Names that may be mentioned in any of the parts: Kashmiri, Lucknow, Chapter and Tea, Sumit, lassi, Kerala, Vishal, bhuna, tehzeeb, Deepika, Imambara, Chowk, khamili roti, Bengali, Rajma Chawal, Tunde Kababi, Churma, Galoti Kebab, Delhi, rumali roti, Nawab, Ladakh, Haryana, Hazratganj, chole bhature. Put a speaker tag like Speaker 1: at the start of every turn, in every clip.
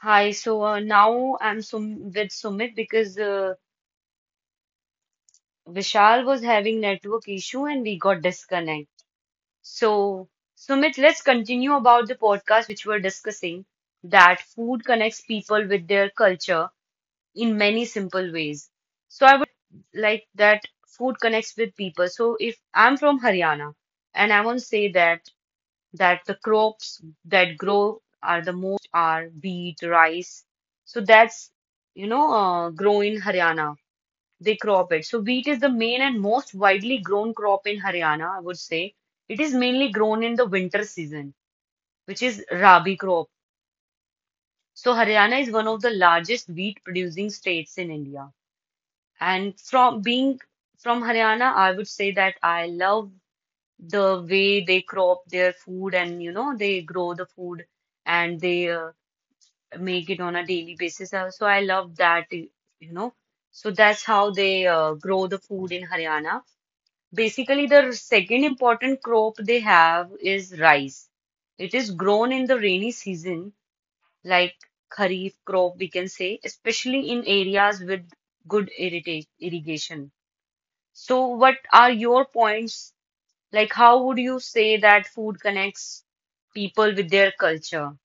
Speaker 1: Hi, now I'm Sum with Sumit because Vishal was having network issue and we got disconnect. So Sumit, let's continue about the podcast which we're discussing that food connects people with their culture in many simple ways. So I would say that like that food connects with people. So if I'm from Haryana and I want to say that the crops that grow are the most are wheat, rice. So that's grow in Haryana. They crop it. So wheat is the main and most widely grown crop in Haryana, I would say. It is mainly grown in the winter season, which is Rabi crop. So Haryana is one of the largest wheat producing states in India. And from being from Haryana, I would say that I love the way they crop their food and you know they grow the food and they make it on a daily basis. So I love that, you know. So that's how they grow the food in Haryana. Basically, the second important crop they have is rice. It is grown in the rainy season, like kharif crop, we can say, especially in areas with good irrigation. So, what are your points like, how would you say that food connects people with their culture?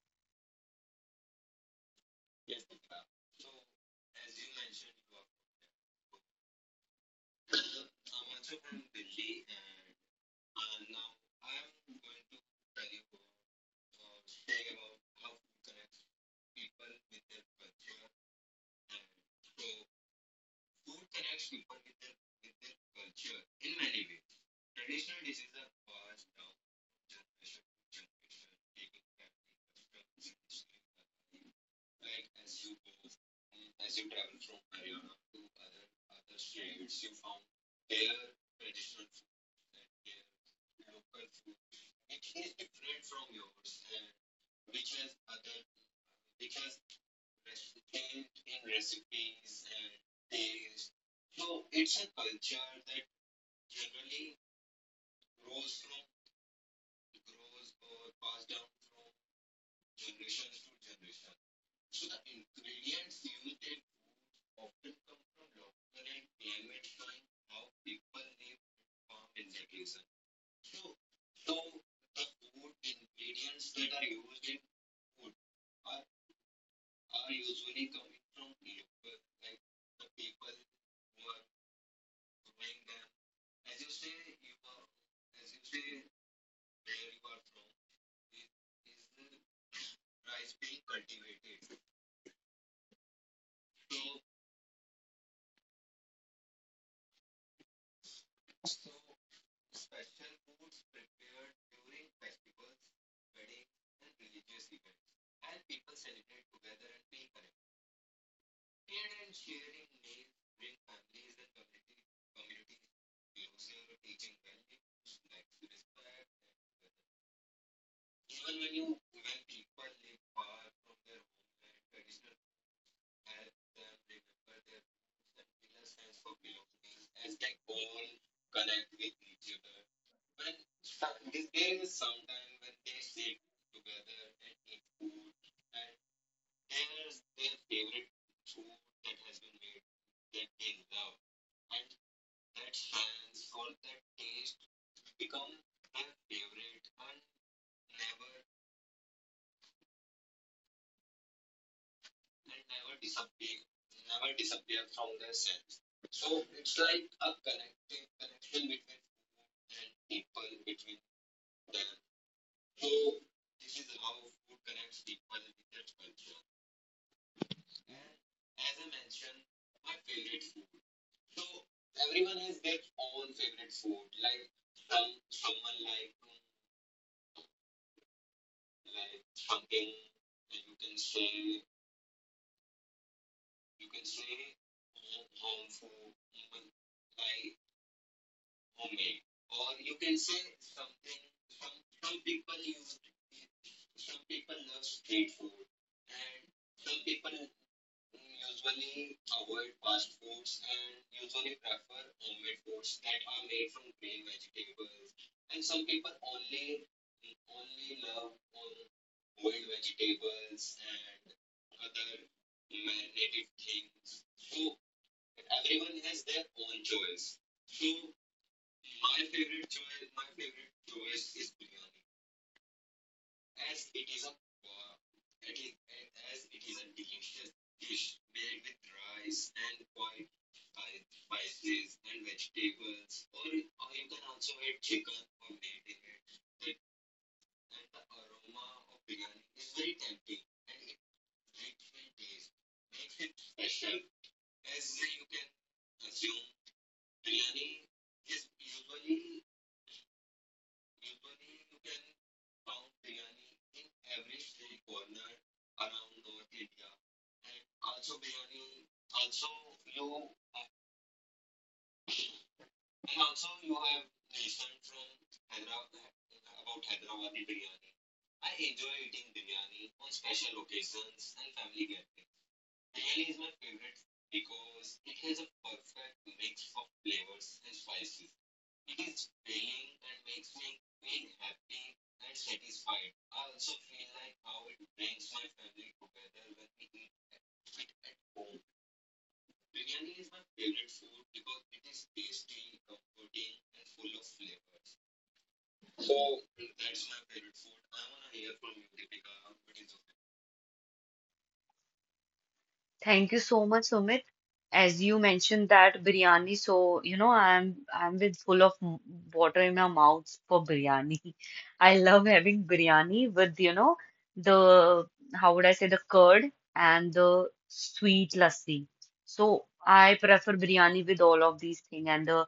Speaker 1: Thank you so much, Sumit. As you mentioned that biryani, so you know, I'm with full of water in my mouth for biryani. I love having biryani with, you know, the how would I say the curd and the sweet lassi. So I prefer biryani with all of these things and the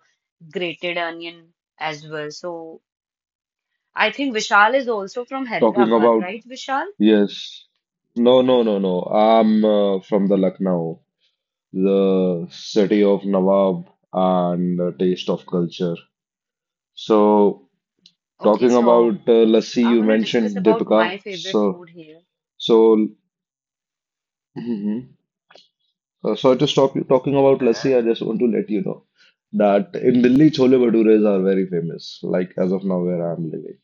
Speaker 1: grated onion as well. So I think Vishal is also from
Speaker 2: Talking
Speaker 1: Hyderabad,
Speaker 2: about,
Speaker 1: right, Vishal?
Speaker 2: yes. No, no, no, no. I'm from the Lucknow, the city of Nawab and the taste of culture. So,
Speaker 1: Okay,
Speaker 2: talking
Speaker 1: so
Speaker 2: about lassi,
Speaker 1: I
Speaker 2: you
Speaker 1: want to discuss
Speaker 2: mentioned
Speaker 1: about my
Speaker 2: Deepika.
Speaker 1: favorite
Speaker 2: So,
Speaker 1: food here.
Speaker 2: so, Mhm. So to stop you talking about
Speaker 1: Man,
Speaker 2: lassi, I just want to let you know that in Delhi, chole bhatures are very famous. Like as of now, where I'm living.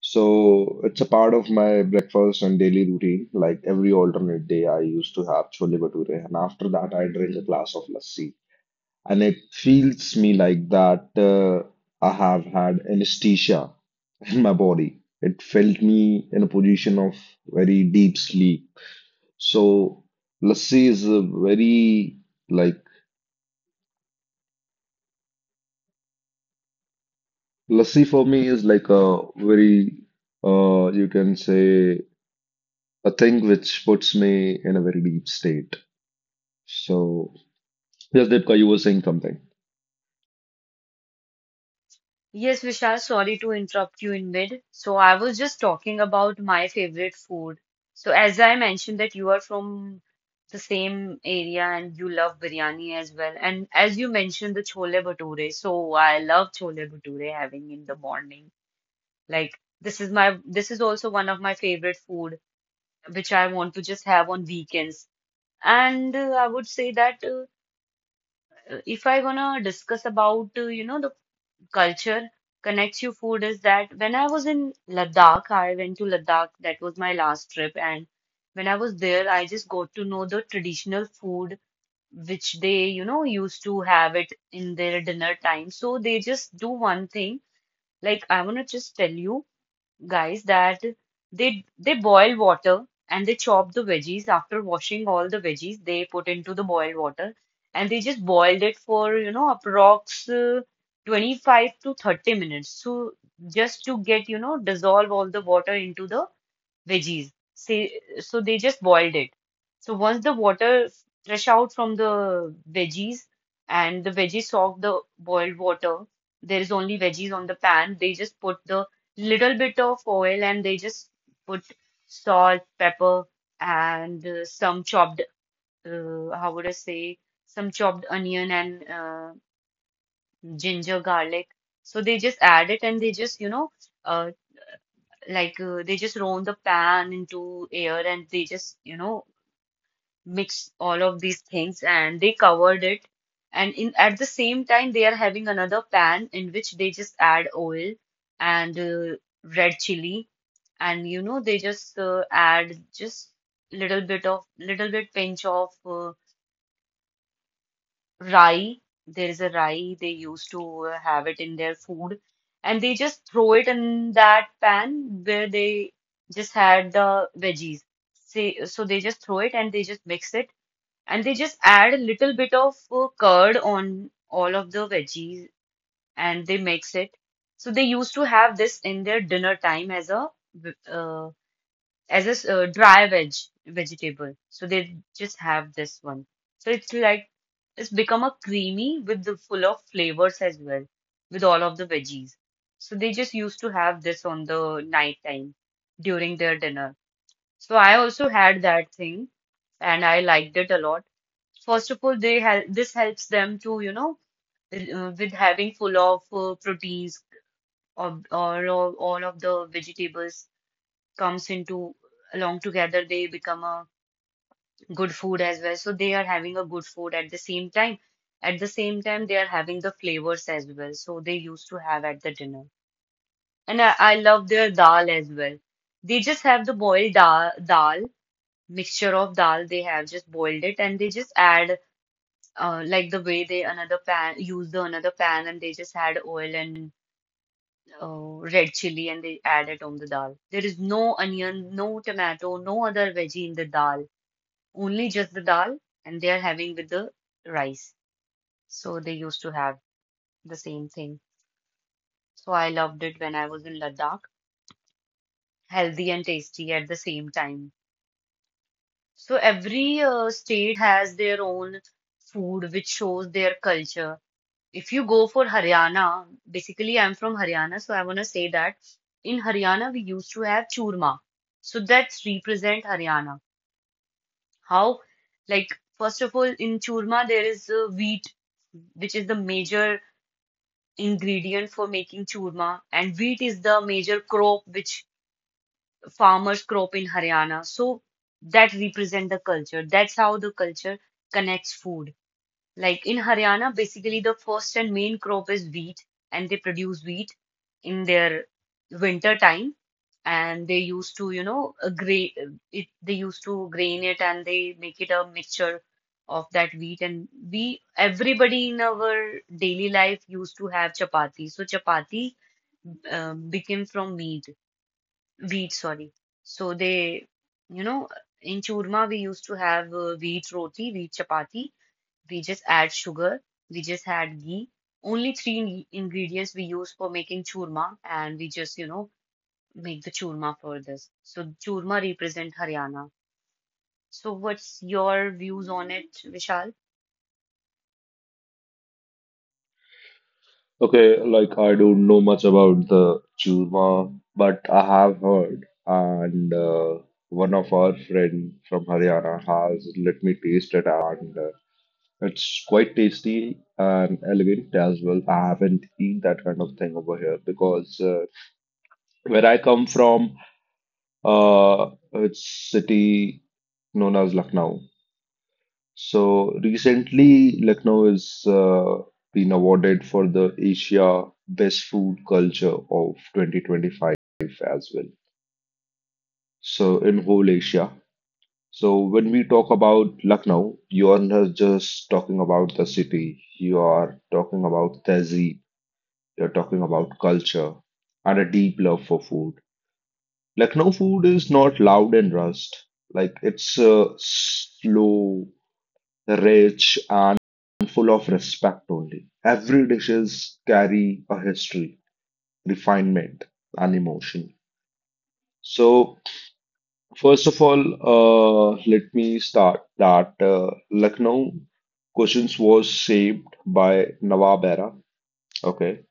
Speaker 2: So it's a part of my breakfast and daily routine. Like every alternate day, I used to have chole bhature, and after that, I drink a glass of lassi. And it feels me like that I have had anesthesia in my body. It felt me in a position of very deep sleep. So lassi is a very like lassi for me is like a very you can say a thing which puts me in a very deep state. So, yes, Deepika, you were saying something.
Speaker 1: yes, Vishal, sorry to interrupt you in mid. So I was just talking about my favorite food. So as I mentioned that you are from the same area and you love biryani as well. And as you mentioned the chole bhature, so I love chole bhature having in the morning. Like this is also one of my favorite food which I want to just have on weekends. And I would say that if I wanna discuss about you know the culture connects you food is that when I was in Ladakh, I went to Ladakh. That was my last trip, and when I was there, I just got to know the traditional food which they you know used to have it in their dinner time. So they just do one thing. Like I wanna just tell you guys that they boil water and they chop the veggies after washing all the veggies they put into the boiled water and they just boiled it for you know approx 25 to 30 minutes so just to get you know dissolve all the water into the veggies. Say, so they just boiled it. So once the water fresh out from the veggies and the veggies soak the boiled water, there is only veggies on the pan. They just put the little bit of oil and they just put salt, pepper, and some chopped, how would I say, some chopped onion and ginger, garlic. So they just add it and they just, you know, uh, they just roll the pan into air and they just you know mix all of these things and they covered it and in at the same time they are having another pan in which they just add oil and red chili and you know they just add just little bit pinch of rye. There is a rye. They used to have it in their food, and they just throw it in that pan where they just had the veggies. Say, so they just throw it and they just mix it, and they just add a little bit of curd on all of the veggies, and they mix it. So they used to have this in their dinner time as a uh, dry vegetable. So they just have this one. So it's like it's become a creamy with the full of flavors as well with all of the veggies. So they just used to have this on the night time during their dinner. So I also had that thing and I liked it a lot. First of all, they help this helps them to, you know, with having full of proteins or all of the vegetables comes into along together. They become a good food as well. So they are having a good food at the same time. At the same time, they are having the flavors as well. So they used to have at the dinner. And I love their dal as well. They just have the boiled dal, dal, mixture of dal. They have just boiled it and they just add like the way the another pan and they just add oil and red chili and they add it on the dal. There is no onion, no tomato, no other veggie in the dal only just the dal and they are having with the rice. So they used to have the same thing. So I loved it when I was in Ladakh, healthy and tasty at the same time. So every state has their own food which shows their culture. If you go for Haryana, basically I'm from Haryana, so I want to say that in Haryana we used to have churma. So that's represent Haryana. How? Like, first of all, in churma, there is wheat, which is the major ingredient for making churma, and wheat is the major crop which farmers crop in Haryana. So that represent the culture. That's how the culture connects food. Like in Haryana, basically the first and main crop is wheat, and they produce wheat in their winter time. And they used to, you know, gra it, they used to grain it and they make it a mixture of that wheat. And we, everybody in our daily life used to have chapati. So chapati became from meat, wheat, sorry. So they, you know, in churma we used to have wheat roti, wheat chapati. We just add sugar, we just add ghee. Only three ingredients we use for making churma, and we just, you know, make the churma for this. So churma represent Haryana. So what's your views on it, Vishal?
Speaker 2: Okay, like I don't know much about the Churma, but I have heard, and one of our friend from Haryana has let me taste it as and it's quite tasty and elegant as well. I haven't eaten that kind of thing over here because where I come from, it's city known as Lucknow. So recently, Lucknow has been awarded for the Asia Best Food Culture of 2025 as well. So in whole Asia. So when we talk about Lucknow, you are not just talking about the city. You are talking about tehzeeb. You're talking about culture and a deep love for food. Lucknow food is not loud and rushed. Like it's slow rich and full of respect only. Every dishes carry a history, refinement, and emotion. So, first of all, let me start that Lucknow cuisines was shaped by Nawab era, okay,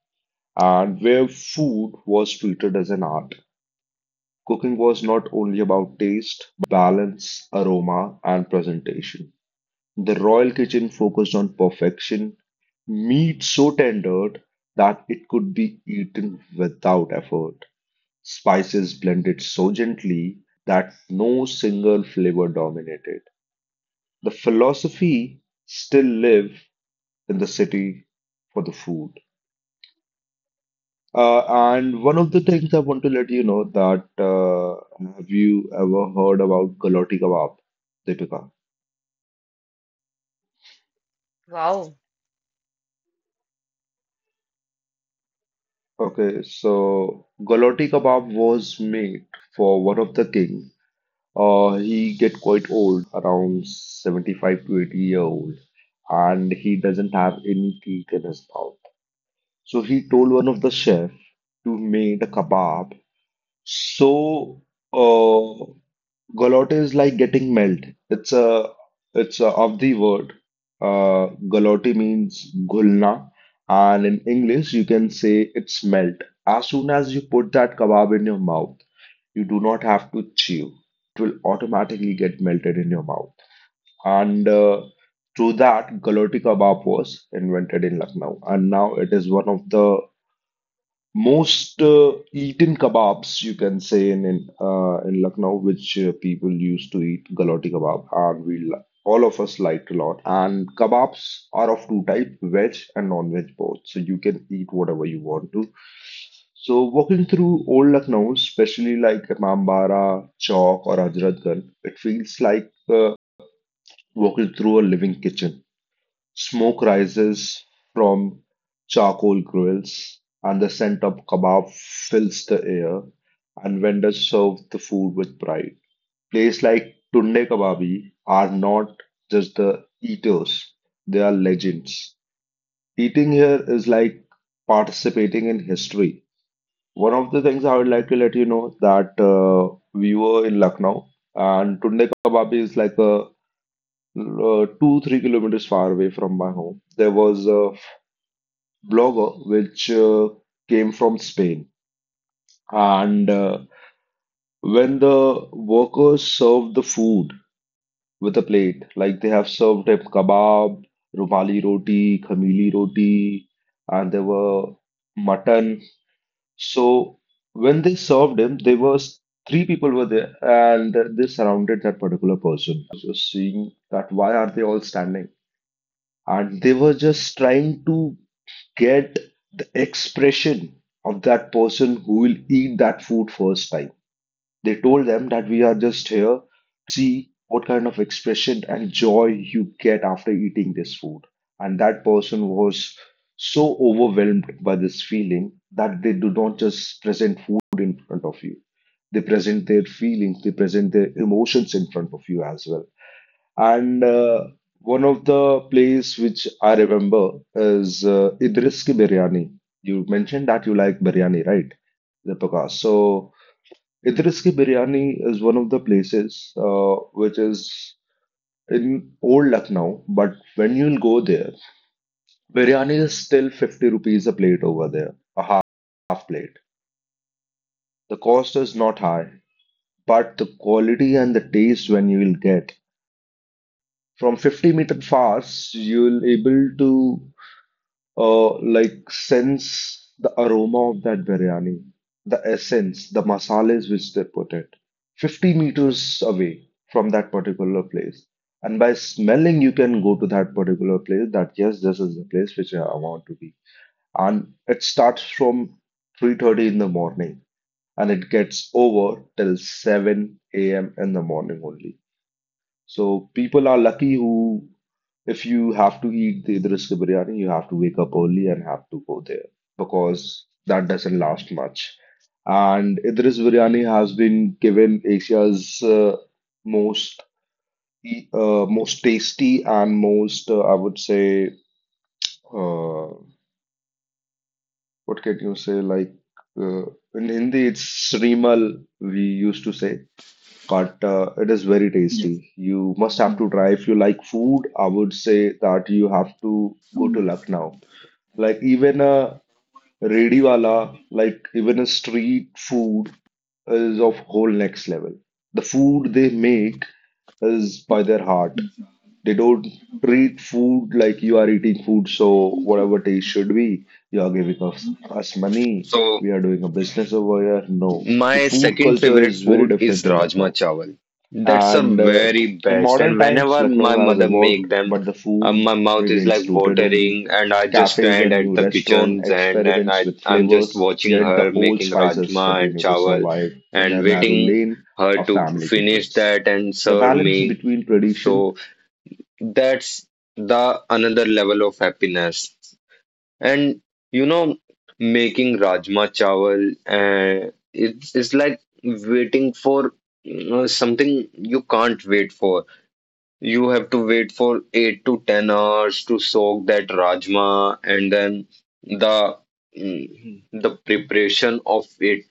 Speaker 2: and where food was treated as an art. Cooking was not only about taste, balance, aroma, and presentation. The royal kitchen focused on perfection, meat so tender that it could be eaten without effort, spices blended so gently that no single flavor dominated. The philosophy still live in the city for the food. And one of the things I want to let you know that have you ever heard about Galoti Kebab, Deepika?
Speaker 1: Wow.
Speaker 2: Okay, so Galati kebab was made for one of the king. He get quite old, around 75 to 80 year old, and he doesn't have any teeth in his mouth. So he told one of the chef to make a kebab so uh, Galote is like getting melt. It's of the word. Galote means gulna, and in English you can say it's melt. As soon as you put that kebab in your mouth, you do not have to chew. Will automatically get melted in your mouth. And through that, galote kebab was invented in Lucknow, and now it is one of the most eaten kebabs you can say in Lucknow, which people used to eat galoti kebab, and all of us liked a lot. And kebabs are of two type, veg and non-veg both, so you can eat whatever you want to. So walking through old Lucknow, especially like Imambara, Chowk, or Hazratganj, it feels like walking through a living kitchen. Smoke rises from charcoal grills, and the scent of kebab fills the air, and vendors serve the food with pride. Places like Tunde Kababi are not just the eaters, they are legends. Eating here is like participating in history. One of the things I would like to let you know that we were in Lucknow, and Tunde Kababi is like a 2 3 kilometers far away from my home. There was a blogger, which came from Spain. And when the workers served the food with a plate, like they have served him kebab, rumali roti, khamili roti, and there were mutton. So when they served him, there was three people were there, and they surrounded that particular person, just seeing that why are they all standing? And they were just trying to get the expression of that person who will eat that food first time. They told them that we are just here see what kind of expression and joy you get after eating this food. And that person was so overwhelmed by this feeling that they do not just present food in front of you. They present their feelings, they present their emotions in front of you as well. And one of the place which I remember is Idris ki biryani. You mentioned that you like biryani, right, Deepika? So Idris ki biryani is one of the places which is in old Lucknow, but when you'll go there, biryani is still 50 rupees a plate over there, a half plate. The cost is not high, but the quality and the taste when you will get from 50-meter fars, you'll able to sense the aroma of that biryani, the essence, the masalas which they put it, 50 meters away from that particular place. And by smelling, you can go to that particular place that yes, this is the place which I want to be. And it starts from 3:30 in the morning and it gets over till 7 a.m. in the morning only. So people are lucky who, if you have to eat the Idris ki biryani, you have to wake up early and have to go there because that doesn't last much. And Idris biryani has been given Asia's most most tasty and most I would say uh, what can you say like uh, in Hindi it's Srimal we used to say but it is very tasty. You must have to try if you like food. I would say that you have to go to Lucknow. Like even a rediwala, like even a street food is of whole next level. The food they make is by their heart. They don't treat food like you are eating food, so whatever taste should be, you are giving us money. We are doing a business over here. No, the food culture is very different in Lucknow. And in modern times, Lucknow has evolved, but the food remains rooted only. Cafes and new restaurant experiments with flavors, yet the old spices continue to survive in a narrow lane of family kitchens. The balance between tradition.
Speaker 3: the the preparation of it,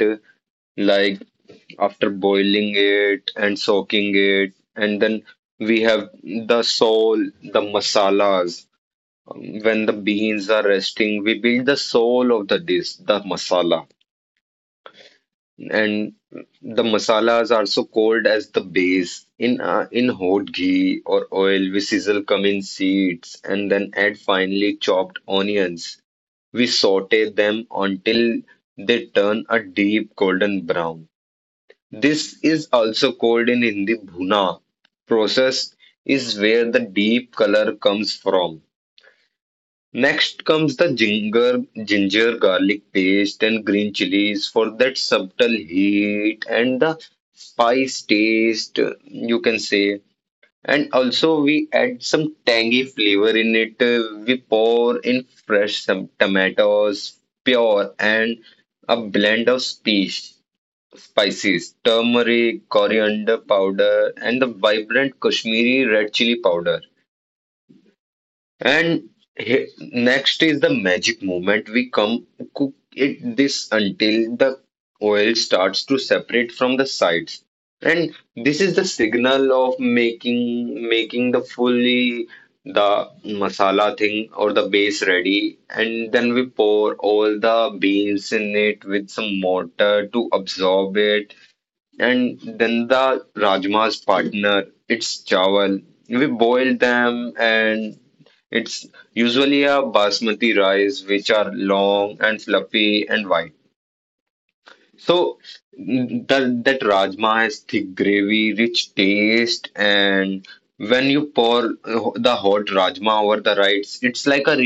Speaker 3: like after boiling it and soaking it, and then we have the soul, the masalas. Um, when the beans are resting, we build the soul of the dish, the masala, and the masalas are so called as the base. In in hot ghee or oil, we sizzle cumin seeds and then add finely chopped onions. We saute them until they turn a deep golden brown. This is also called in Hindi bhuna. Process is where the deep color comes from. Next comes the ginger, ginger garlic paste, and green chilies for that subtle heat and the spice taste, you can say. And also we add some tangy flavor in it. We pour in fresh some tomatoes, pure, and a blend of species, spices, turmeric, coriander powder, and the vibrant Kashmiri red chili powder. And he- next is the magic moment. We come cook it this until the oil starts to separate from the sides. And this is the signal of making the fully the masala thing or the base ready. And then we pour all the beans in it with some water to absorb it. And then the rajma's partner, it's chawal. We boil them, and it's usually a basmati rice which are long and fluffy and white. So that rajma has thick gravy, rich taste, and when you pour the hot rajma over the rice, it's like a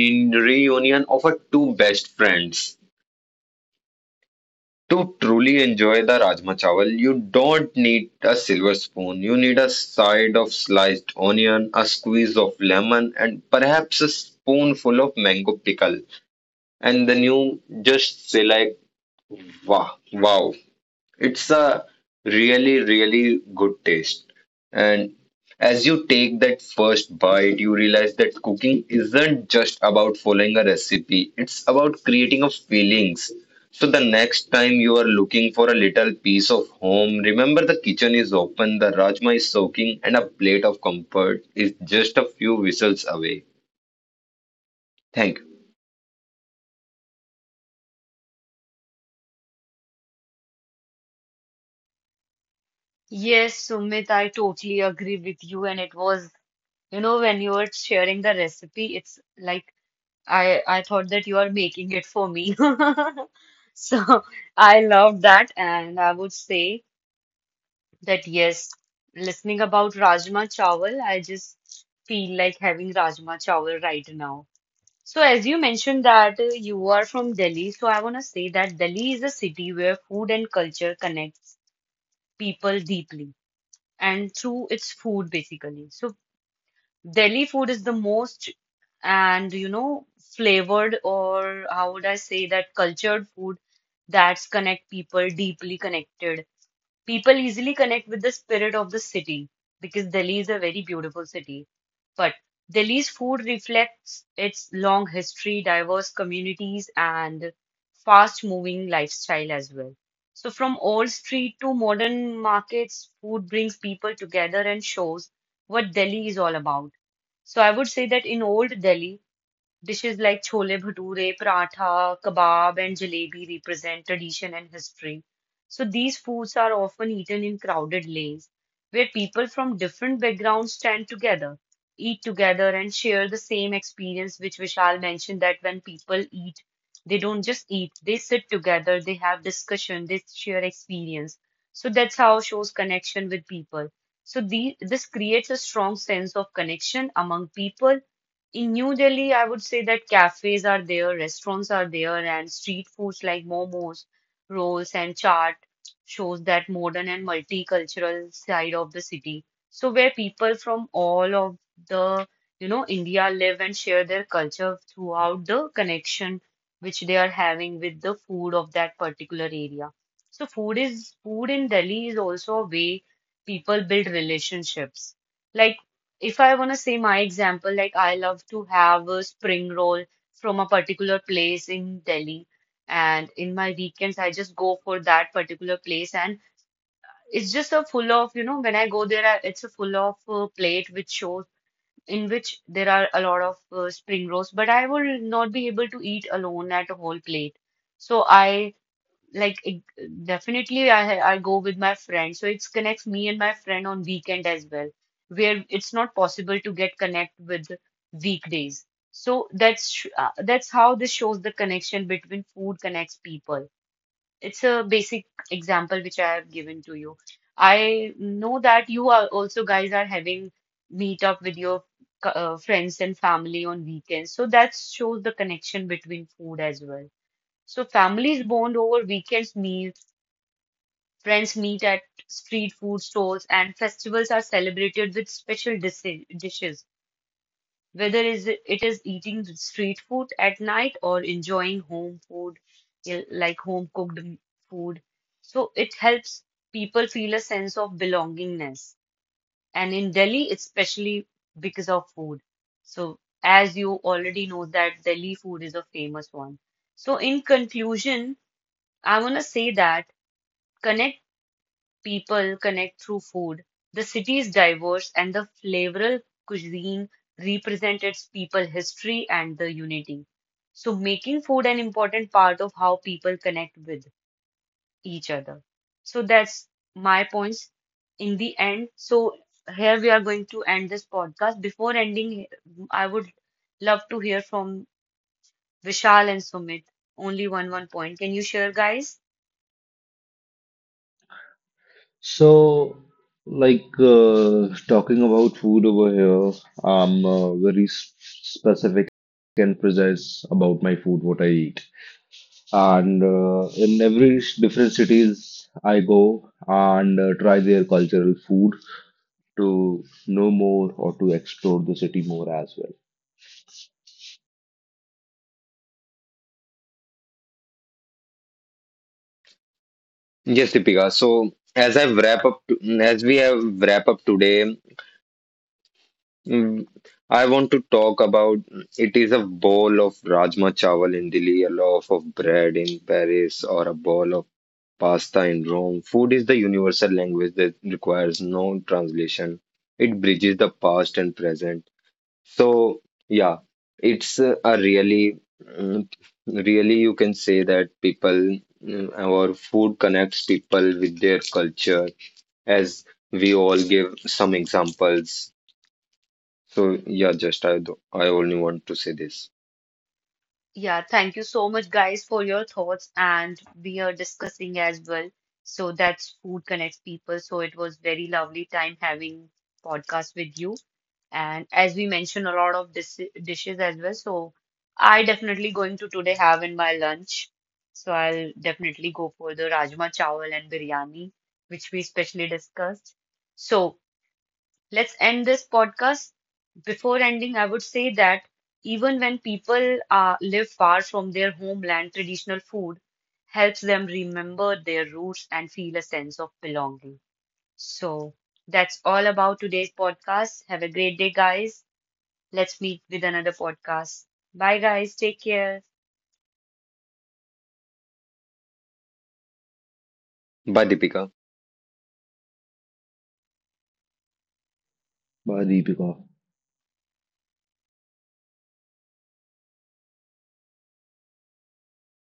Speaker 3: reunion of a two best friends. To truly enjoy the Rajma Chawal, you don't need a silver spoon. You need a side of sliced onion, a squeeze of lemon, and perhaps a spoonful of mango pickle. And then you just say like, wow, wow. It's a really, really good taste. And as you take that first bite, you realize that cooking isn't just about following a recipe, it's about creating a feelings. So the next time you are looking for a little piece of home, remember the kitchen is open, the rajma is soaking, and a plate of comfort is just a few whistles away.
Speaker 1: Yes, Sumit, I totally agree with you. And it was, you know, when you were sharing the recipe, it's like I thought that you are making it for me. So I love that, and I would say. That yes, listening about Rajma Chawal, I just feel like having Rajma Chawal right now. So as you mentioned that you are from Delhi, so I want to say that Delhi is a city where food and culture connects people deeply and through its food basically. So Delhi food is the most and you know flavored or how would I say that cultured food that's connect people deeply connected. People easily connect with the spirit of the city because Delhi is a very beautiful city. But Delhi's food reflects its long history, diverse communities, and fast-moving lifestyle as well. So, from old street to modern markets, food brings people together and shows what Delhi is all about. So, I would say that in old Delhi, dishes like chole bhature, paratha, kebab, and jalebi represent tradition and history. So these foods are often eaten in crowded lanes where people from different backgrounds stand together, eat together, and share the same experience, which Vishal mentioned that when people eat, they don't just eat, they sit together, they have discussion, they share experience. So that's how shows connection with people. So the, this creates a strong sense of connection among people in New Delhi, I would say that cafes are there, restaurants are there, and street foods like momos, rolls, and chaat shows that modern and multicultural side of the city. So where people from all of the, you know, India live and share their culture throughout the connection which they are having with the food of that particular area. So food in Delhi is also a way people build relationships. Like if I want to say my example, like I love to have a spring roll from a particular place in Delhi. And in my weekends, I just go for that particular place. And it's just a full of, you know, when I go there, it's a full of plate which shows in which there are a lot of spring rolls. But I will not be able to eat alone at a whole plate. So I like it, definitely I go with my friend. So it connects me and my friend on weekend as well, where it's not possible to get connect with weekdays. So that's how this shows the connection between food connects people. It's a basic example which I have given to you. I know that you are also guys are having meet up with your friends and family on weekends. So that shows the connection between food as well. So families bond over weekends meals. Friends meet at street food stalls, and festivals are celebrated with special dishes. Whether is it it is eating street food at night or enjoying home food, eh, like home cooked food. So it helps people feel a sense of belongingness. And in Delhi, especially because of food. So as you already know that Delhi food is a famous one. So in conclusion, I want to say that connect. People connect through food. The city is diverse, and the flavoral cuisine represents its people history and the unity. So, making food an important part of how people connect with each other. So, that's my points in the end. So, here we are going to end this podcast. Before ending, I would love to hear from Vishal and Sumit. Only one point. Can you share, guys?
Speaker 2: So, like talking about food over here, I'm very specific and precise about my food, what I eat. And in every different cities, I go and try their cultural food to know more or to explore the city more as well.
Speaker 3: Yes, Deepika. So as we have wrap up today, Mm, I want to talk about it is a bowl of rajma chawal in Delhi, a loaf of bread in Paris, or a bowl of pasta in Rome. Food is the universal language that requires no translation. It bridges the past and present. So, yeah, it's a really, really, you can say that our food connects people with their culture, as we all give some examples. So yeah, just I only want to say this.
Speaker 1: Yeah, thank you so much, guys, for your thoughts. And we are discussing as well. So that's Food Connects People. So it was very lovely time having podcast with you. And as we mentioned, a lot of dishes as well. So I definitely going to today have in my lunch. So I'll definitely go for the rajma chawal and biryani, which we specially discussed. So let's end this podcast. Before ending, I would say that even when people live far from their homeland, traditional food helps them remember their roots and feel a sense of belonging. So that's all about today's podcast. Have a great day, guys. Let's meet with another podcast. Bye, guys. Take care.
Speaker 3: Bye, Deepika.
Speaker 2: Bye, Deepika.